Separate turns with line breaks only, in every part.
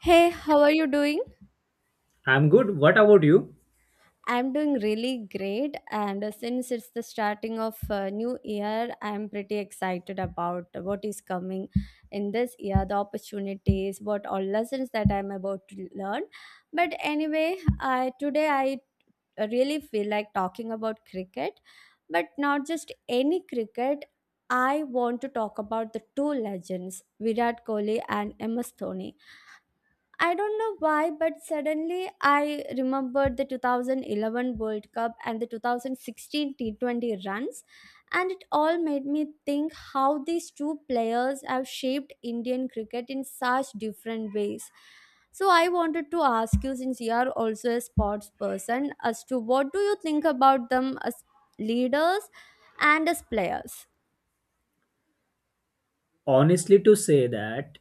Hey, how are you doing?
I'm good. What about you?
I'm doing really great, and since it's the starting of new year, I'm pretty excited about what is coming in this year, the opportunities, what all lessons that I'm about to learn. But anyway, I today I really feel like talking about cricket, but not just any cricket. I want to talk about the two legends, Virat Kohli and MS Dhoni. I don't know why, but suddenly I remembered the 2011 World Cup and the 2016 T20 runs, and it all made me think how these two players have shaped Indian cricket in such different ways. So, I wanted to ask you, since you are also a sports person, as to what do you think about them as leaders and as players?
Honestly, to say that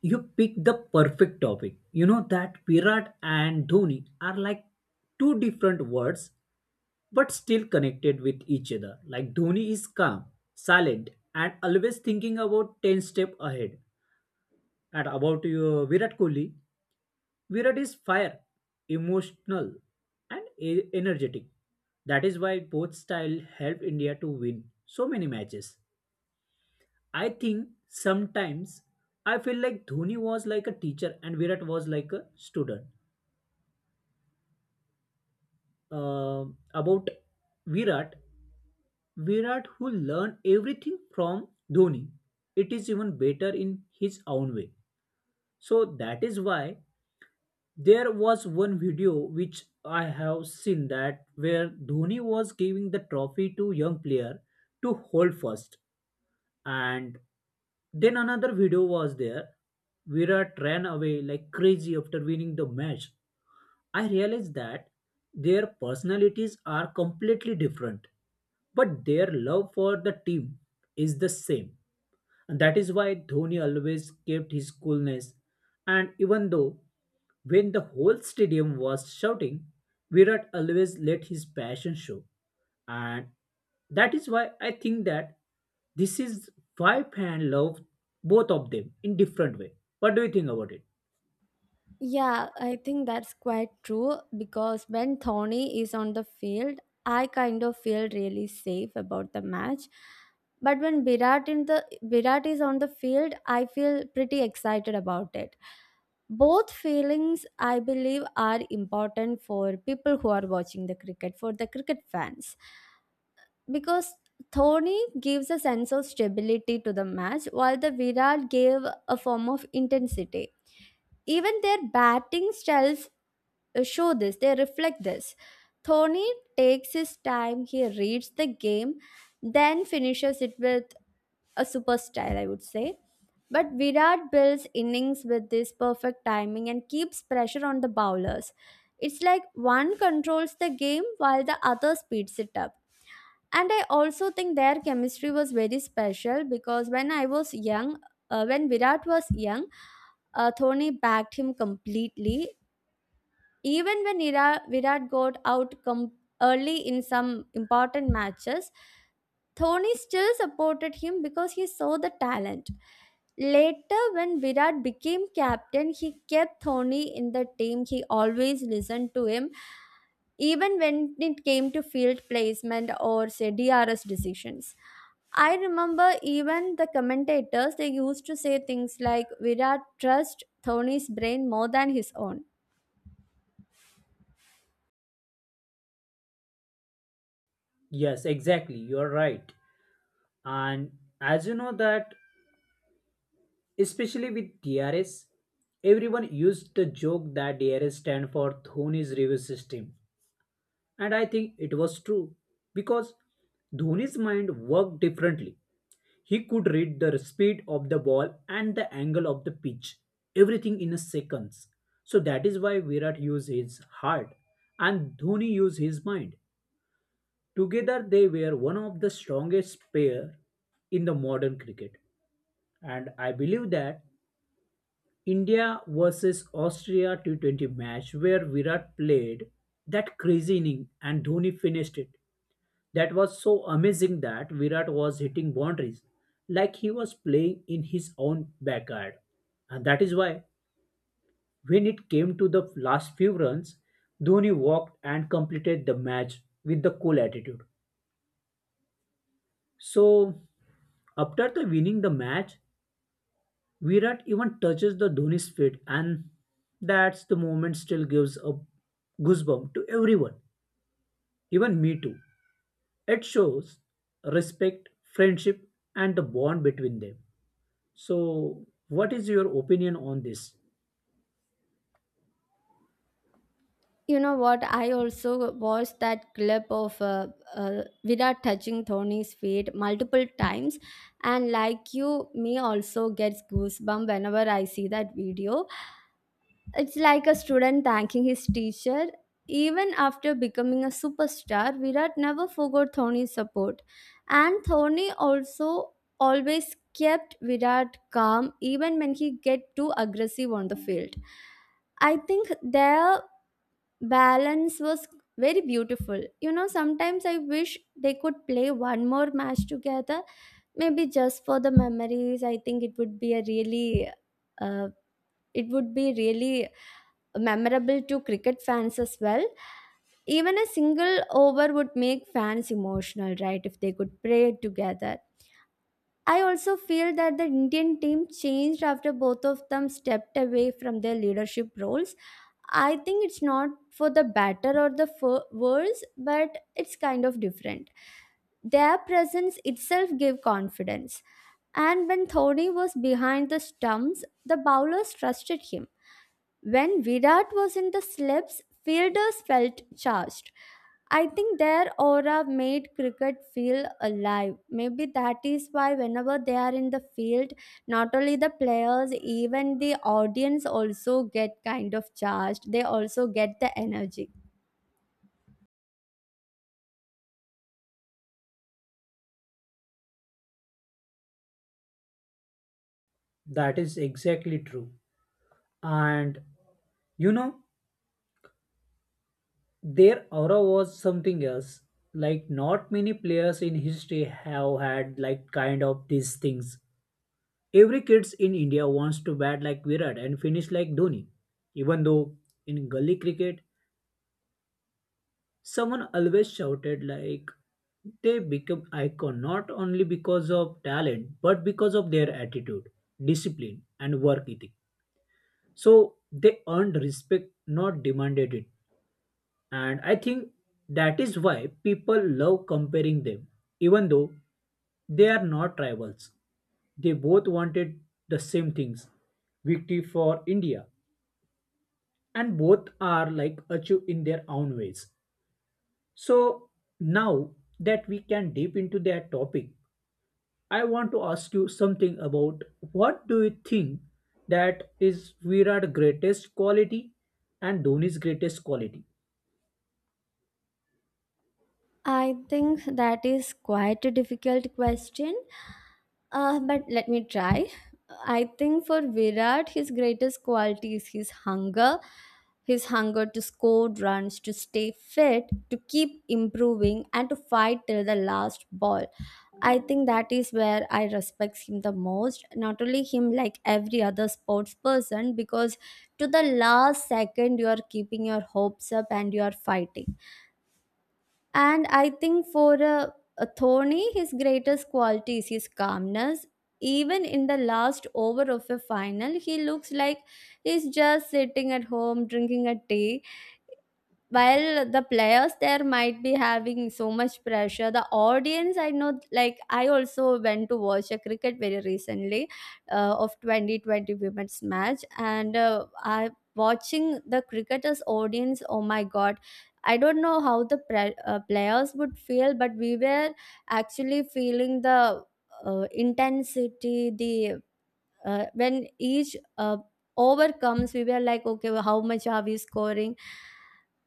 you picked the perfect topic. You know that Virat and Dhoni are like two different words but still connected with each other. Like Dhoni is calm, silent, and always thinking about 10 steps ahead. And about your Virat Kohli, Virat is fire, emotional, and energetic. That is why both style helped India to win so many matches. I think sometimes I feel like Dhoni was like a teacher and Virat was like a student. Uh, about Virat, Virat who learned everything from Dhoni. It is even better in his own way. So that is why there was one video which I have seen that where Dhoni was giving the trophy to young player to hold first, and then another video was there. Virat ran away like crazy after winning the match. I realized that their personalities are completely different, but their love for the team is the same. That is why Dhoni always kept his coolness. And even though when the whole stadium was shouting, Virat always let his passion show. And that is why I think that this is why fan love both of them in different way. What do you think about it?
Yeah, I think that's quite true because when Thorny is on the field, I kind of feel really safe about the match. But when Virat is on the field, I feel pretty excited about it. Both feelings, I believe, are important for people who are watching the cricket, for the cricket fans, because Thorny gives a sense of stability to the match, while the Virat gave a form of intensity, even their batting styles show this, they reflect this. Thorny takes his time, he reads the game, then finishes it with a super style, I would say. But Virat builds innings with this perfect timing and keeps pressure on the bowlers. It's like one controls the game while the other speeds it up. And I also think their chemistry was very special because when Virat was young, Thony backed him completely, even when Virat got out early in some important matches. Thony still supported him because he saw the talent. Later, when Virat became captain, he kept Thony in the team. He always listened to him, even when it came to field placement or say DRS decisions. I remember even the commentators, they used to say things like Virat trust Dhoni's brain more than his own.
Yes, exactly. You are right. And as you know that, especially with DRS, everyone used the joke that DRS stand for Dhoni's review system. And I think it was true because Dhoni's mind worked differently. He could read the speed of the ball and the angle of the pitch, everything in a seconds. So that is why Virat used his heart and Dhoni used his mind. Together they were one of the strongest pair in the modern cricket. And I believe that India versus Austria T20 match where Virat played that crazy inning and Dhoni finished it. That was so amazing that Virat was hitting boundaries like he was playing in his own backyard. And that is why, when it came to the last few runs, Dhoni walked and completed the match with the cool attitude. So, after the winning the match, Virat even touches the Dhoni's feet, and that's the moment still gives a goosebump to everyone, even me too. It shows respect, friendship, and the bond between them. So, what is your opinion on this?
You know what? I also watched that clip of Virat touching Dhoni's feet multiple times, and like you, me also gets goosebump whenever I see that video. It's like a student thanking his teacher. Even after becoming a superstar, Virat never forgot Dhoni's support. And Dhoni also always kept Virat calm even when he get too aggressive on the field. I think their balance was very beautiful. You know, sometimes I wish they could play one more match together. Maybe just for the memories. I think it would be a uh, it would be really memorable to cricket fans as well. Even a single over would make fans emotional, right, if they could play it together. I also feel that the Indian team changed after both of them stepped away from their leadership roles. I think it's not for the better or the worse, but it's kind of different. Their presence itself gave confidence. And when Thodi was behind the stumps, the bowlers trusted him. When Virat was in the slips, fielders felt charged. I think their aura made cricket feel alive. Maybe that is why, whenever they are in the field, not only the players, even the audience also get kind of charged. They also get the energy.
That is exactly true. And you know, their aura was something else. Like, not many players in history have had, like, kind of these things. Every kids in India wants to bat like Virat and finish like Dhoni. Even though in gully cricket, someone always shouted like they become icon not only because of talent but because of their attitude, discipline, and work ethic. So they earned respect, not demanded it. And I think that is why people love comparing them, even though they are not rivals. They both wanted the same things, victory for India, and both are like achieved in their own ways. So, now that we can deep into that topic, I want to ask you something about what do you think that is Virat's greatest quality and Dhoni's greatest quality?
I think that is quite a difficult question, but let me try. I think for Virat, his greatest quality is his hunger. His hunger to score runs, to stay fit, to keep improving, and to fight till the last ball. I think that is where I respect him the most. Not only him, like every other sports person, because to the last second you are keeping your hopes up and you are fighting. And I think for Thorny, his greatest quality is his calmness. Even in the last over of a final, he looks like he's just sitting at home drinking a tea, while the players there might be having so much pressure, the audience. I know, like, I also went to watch a cricket very recently, of 2020 women's match, and I watching the cricketers audience, oh my god, I don't know how the players would feel, but we were actually feeling the intensity, the when each over comes, we were like, okay, well, how much are we scoring?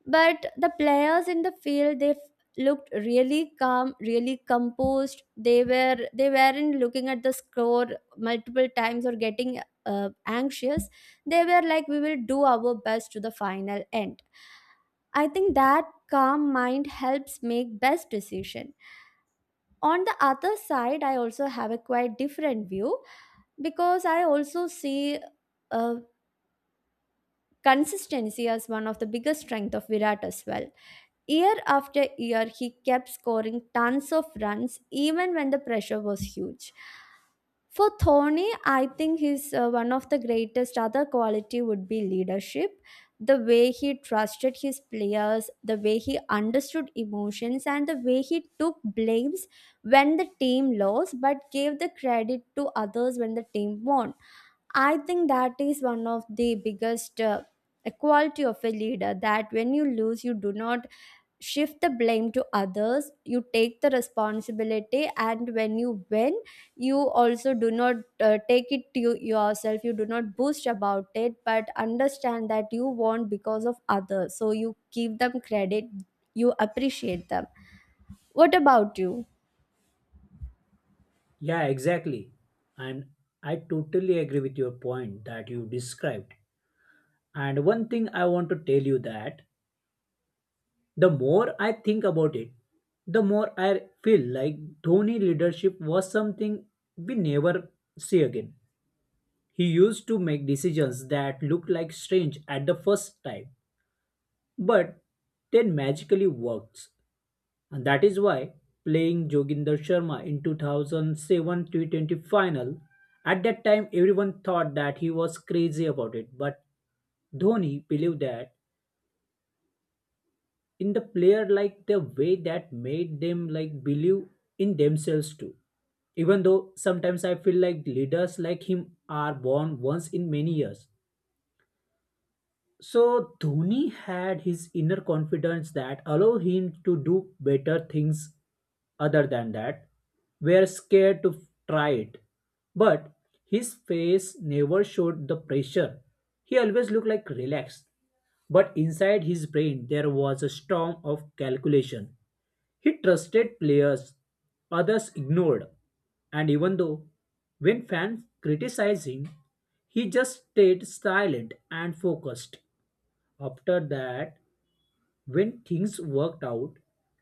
But the players in the field, they looked really calm, really composed. They weren't looking at the score multiple times or getting anxious. They were like, we will do our best to the final end. I think that calm mind helps make best decision. On the other side, I also have a quite different view, because I also see uh, consistency as one of the biggest strength of Virat as well. Year after year, he kept scoring tons of runs even when the pressure was huge. For Thorny, I think his, one of the greatest other quality would be leadership. The way he trusted his players, the way he understood emotions, and the way he took blames when the team lost, but gave the credit to others when the team won. I think that is one of the biggest quality of a leader, that when you lose, you do not shift the blame to others, you take the responsibility, and when you win, you also do not take it to yourself. You do not boast about it, but understand that you want because of others, so you give them credit, you appreciate them. What about you?
Yeah, exactly. And I totally agree with your point that you described. And one thing I want to tell you that the more I think about it, the more I feel like Dhoni leadership was something we never see again. He used to make decisions that looked like strange at the first time, but then magically works. And that is why playing Joginder Sharma in 2007 T20 final, at that time everyone thought that he was crazy about it, but Dhoni believed that in the player like the way that made them like believe in themselves too. Even though sometimes I feel like leaders like him are born once in many years, so Dhoni had his inner confidence that allowed him to do better things other than that. Were scared to try it. But his face never showed the pressure. He always looked like relaxed. But inside his brain there was a storm of calculation. He trusted players others ignored. And even though when fans criticized him, he just stayed silent and focused. After that, when things worked out,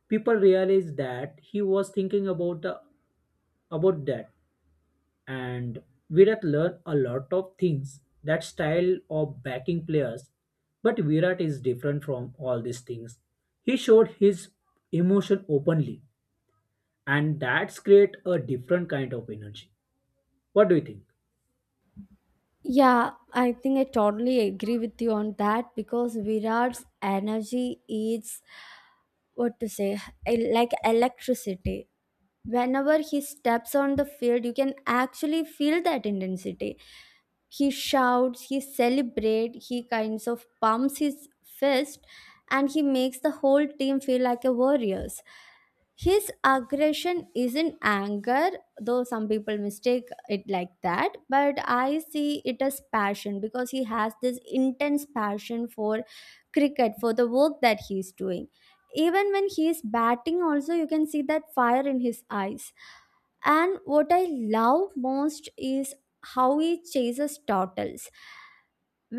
people realized that he was thinking about the about that, and Virat learned a lot of things. That style of backing players, but Virat is different from all these things. He showed his emotion openly, and that's create a different kind of energy. What do you think?
Yeah, I think I totally agree with you on that, because Virat's energy is, what to say, like electricity. Whenever he steps on the field, you can actually feel that intensity. He shouts, he celebrates, he kinds of pumps his fist, and he makes the whole team feel like a warriors. His aggression isn't anger, though some people mistake it like that, but I see it as passion, because he has this intense passion for cricket, for the work that he's doing. Even when he is batting also, you can see that fire in his eyes. And what I love most is how he chases turtles.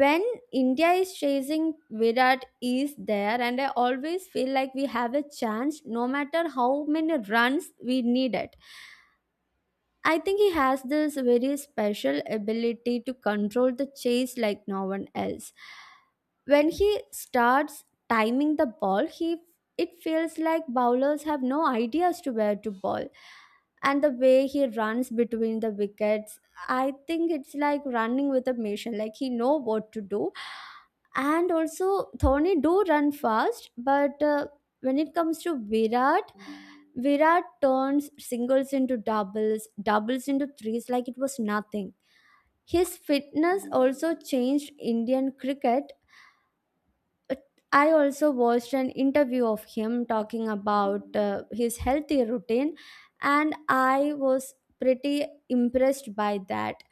When India is chasing, Virat is there, and I always feel like we have a chance, no matter how many runs we need it. I think he has this very special ability to control the chase like no one else. When he starts timing the ball, he, it feels like bowlers have no ideas to where to ball. And the way he runs between the wickets, I think it's like running with a mission, like he know what to do. And also Thorny do run fast, but when it comes to Virat, Virat turns singles into doubles, doubles into threes, like it was nothing. His fitness also changed Indian cricket. I also watched an interview of him talking about his healthy routine, and I was pretty impressed by that,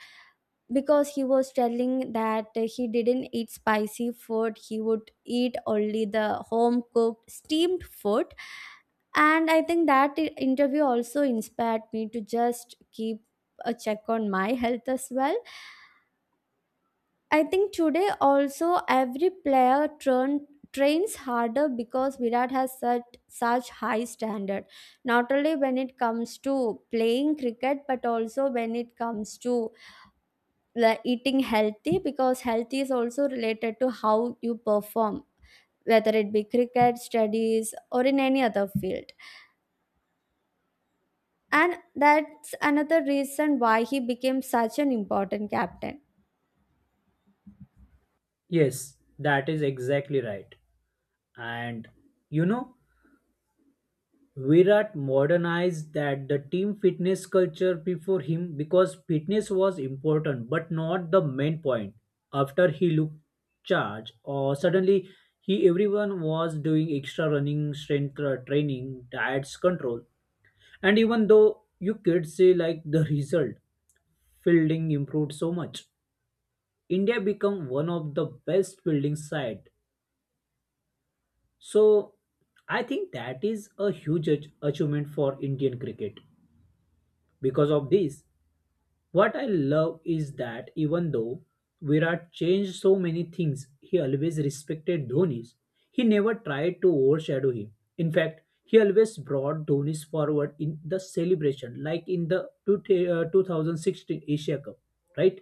because he was telling that he didn't eat spicy food, he would eat only the home cooked steamed food. And I think that interview also inspired me to just keep a check on my health as well. I think today also every trains harder because Virat has set such high standard. Not only when it comes to playing cricket, but also when it comes to the eating healthy, because healthy is also related to how you perform, whether it be cricket, studies, or in any other field. And that's another reason why he became such an important captain.
Yes, that is exactly right. And you know, Virat modernized that the team fitness culture before him because fitness was important but not the main point. After he looked charge or suddenly he everyone was doing extra running, strength training, diets control. And even though you could say like the result, fielding improved so much. India become one of the best fielding side. So I think that is a huge achievement for Indian cricket. Because of this, what I love is that even though Virat changed so many things, he always respected Dhoni's. He never tried to overshadow him. In fact, he always brought Dhoni's forward in the celebration, like in the 2016 Asia Cup, right?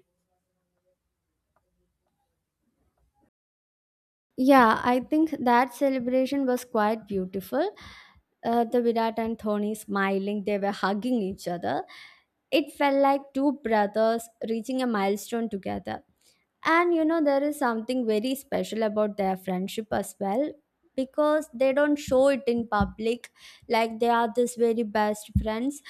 Yeah, I think that celebration was quite beautiful. The Virat and Thony smiling, they were hugging each other. It felt like two brothers reaching a milestone together. And you know, there is something very special about their friendship as well, because they don't show it in public like they are this very best friends.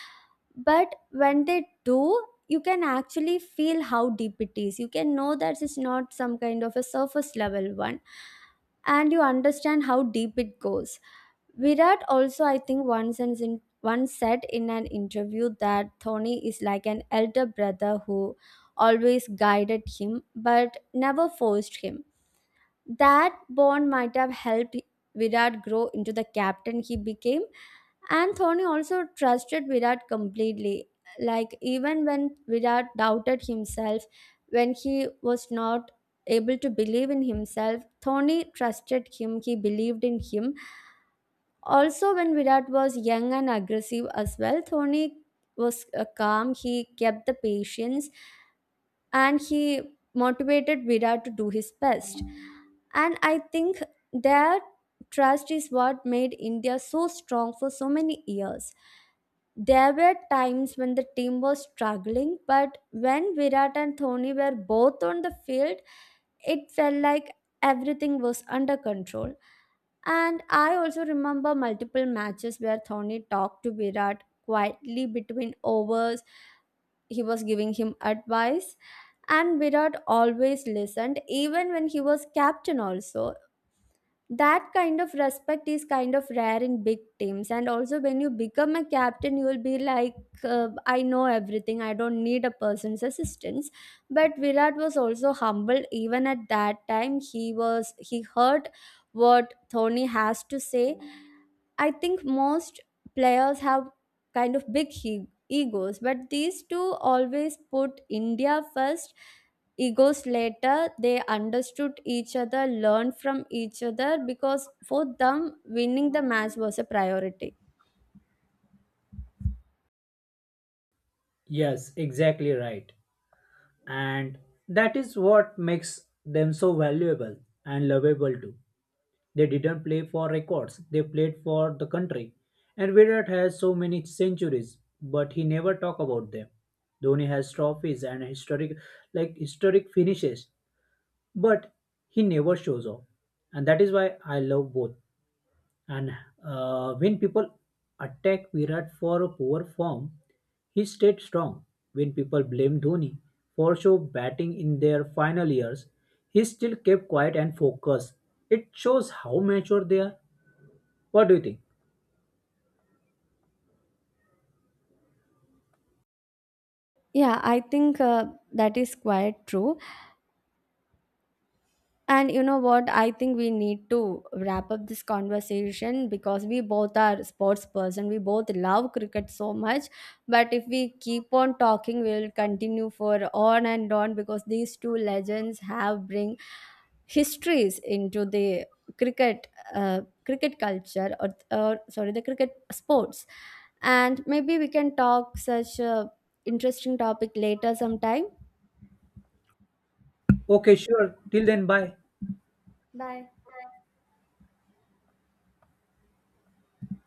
But when they do, you can actually feel how deep it is. You can know that it's not some kind of a surface level one, and you understand how deep it goes. Virat also, I think, once said in an interview that Thony is like an elder brother who always guided him but never forced him. That bond might have helped Virat grow into the captain he became, and Thony also trusted Virat completely. Like even when Virat doubted himself, when he was not able to believe in himself, Thony trusted him. He believed in him also, when Virat was young and aggressive as well. Thoni was calm, he kept the patience, and he motivated Virat to do his best. And I think their trust is what made India so strong for so many years. There were times when the team was struggling, but when Virat and Thoni were both on the field, it felt like everything was under control. And I also remember multiple matches where Thorny talked to Virat quietly between overs. He was giving him advice, and Virat always listened, even when he was captain, also. That kind of respect is kind of rare in big teams, and also when you become a captain, you will be like, I know everything, I don't need a person's assistance. But Virat was also humble, even at that time. He heard what Thorny has to say. I think most players have kind of big egos, but these two always put India first, egos later. They understood each other, learned from each other, because for them, winning the match was a priority.
Yes, exactly right. And that is what makes them so valuable and lovable too. They didn't play for records, they played for the country. And Virat has so many centuries, but he never talk about them. Dhoni has trophies and historic finishes, but he never shows off. And that is why I love both. And when people attack Virat for a poor form, he stayed strong. When people blame Dhoni for show batting in their final years, he still kept quiet and focused. It shows how mature they are. What do you think?
Yeah, I think that is quite true. And you know what? I think we need to wrap up this conversation, because we both are sports person, we both love cricket so much. But if we keep on talking, we'll continue for on and on, because these two legends have bring histories into the cricket cricket culture, or sorry, the cricket sports. And maybe we can talk such a interesting topic later sometime.
Okay, sure. Till then, bye.
Bye.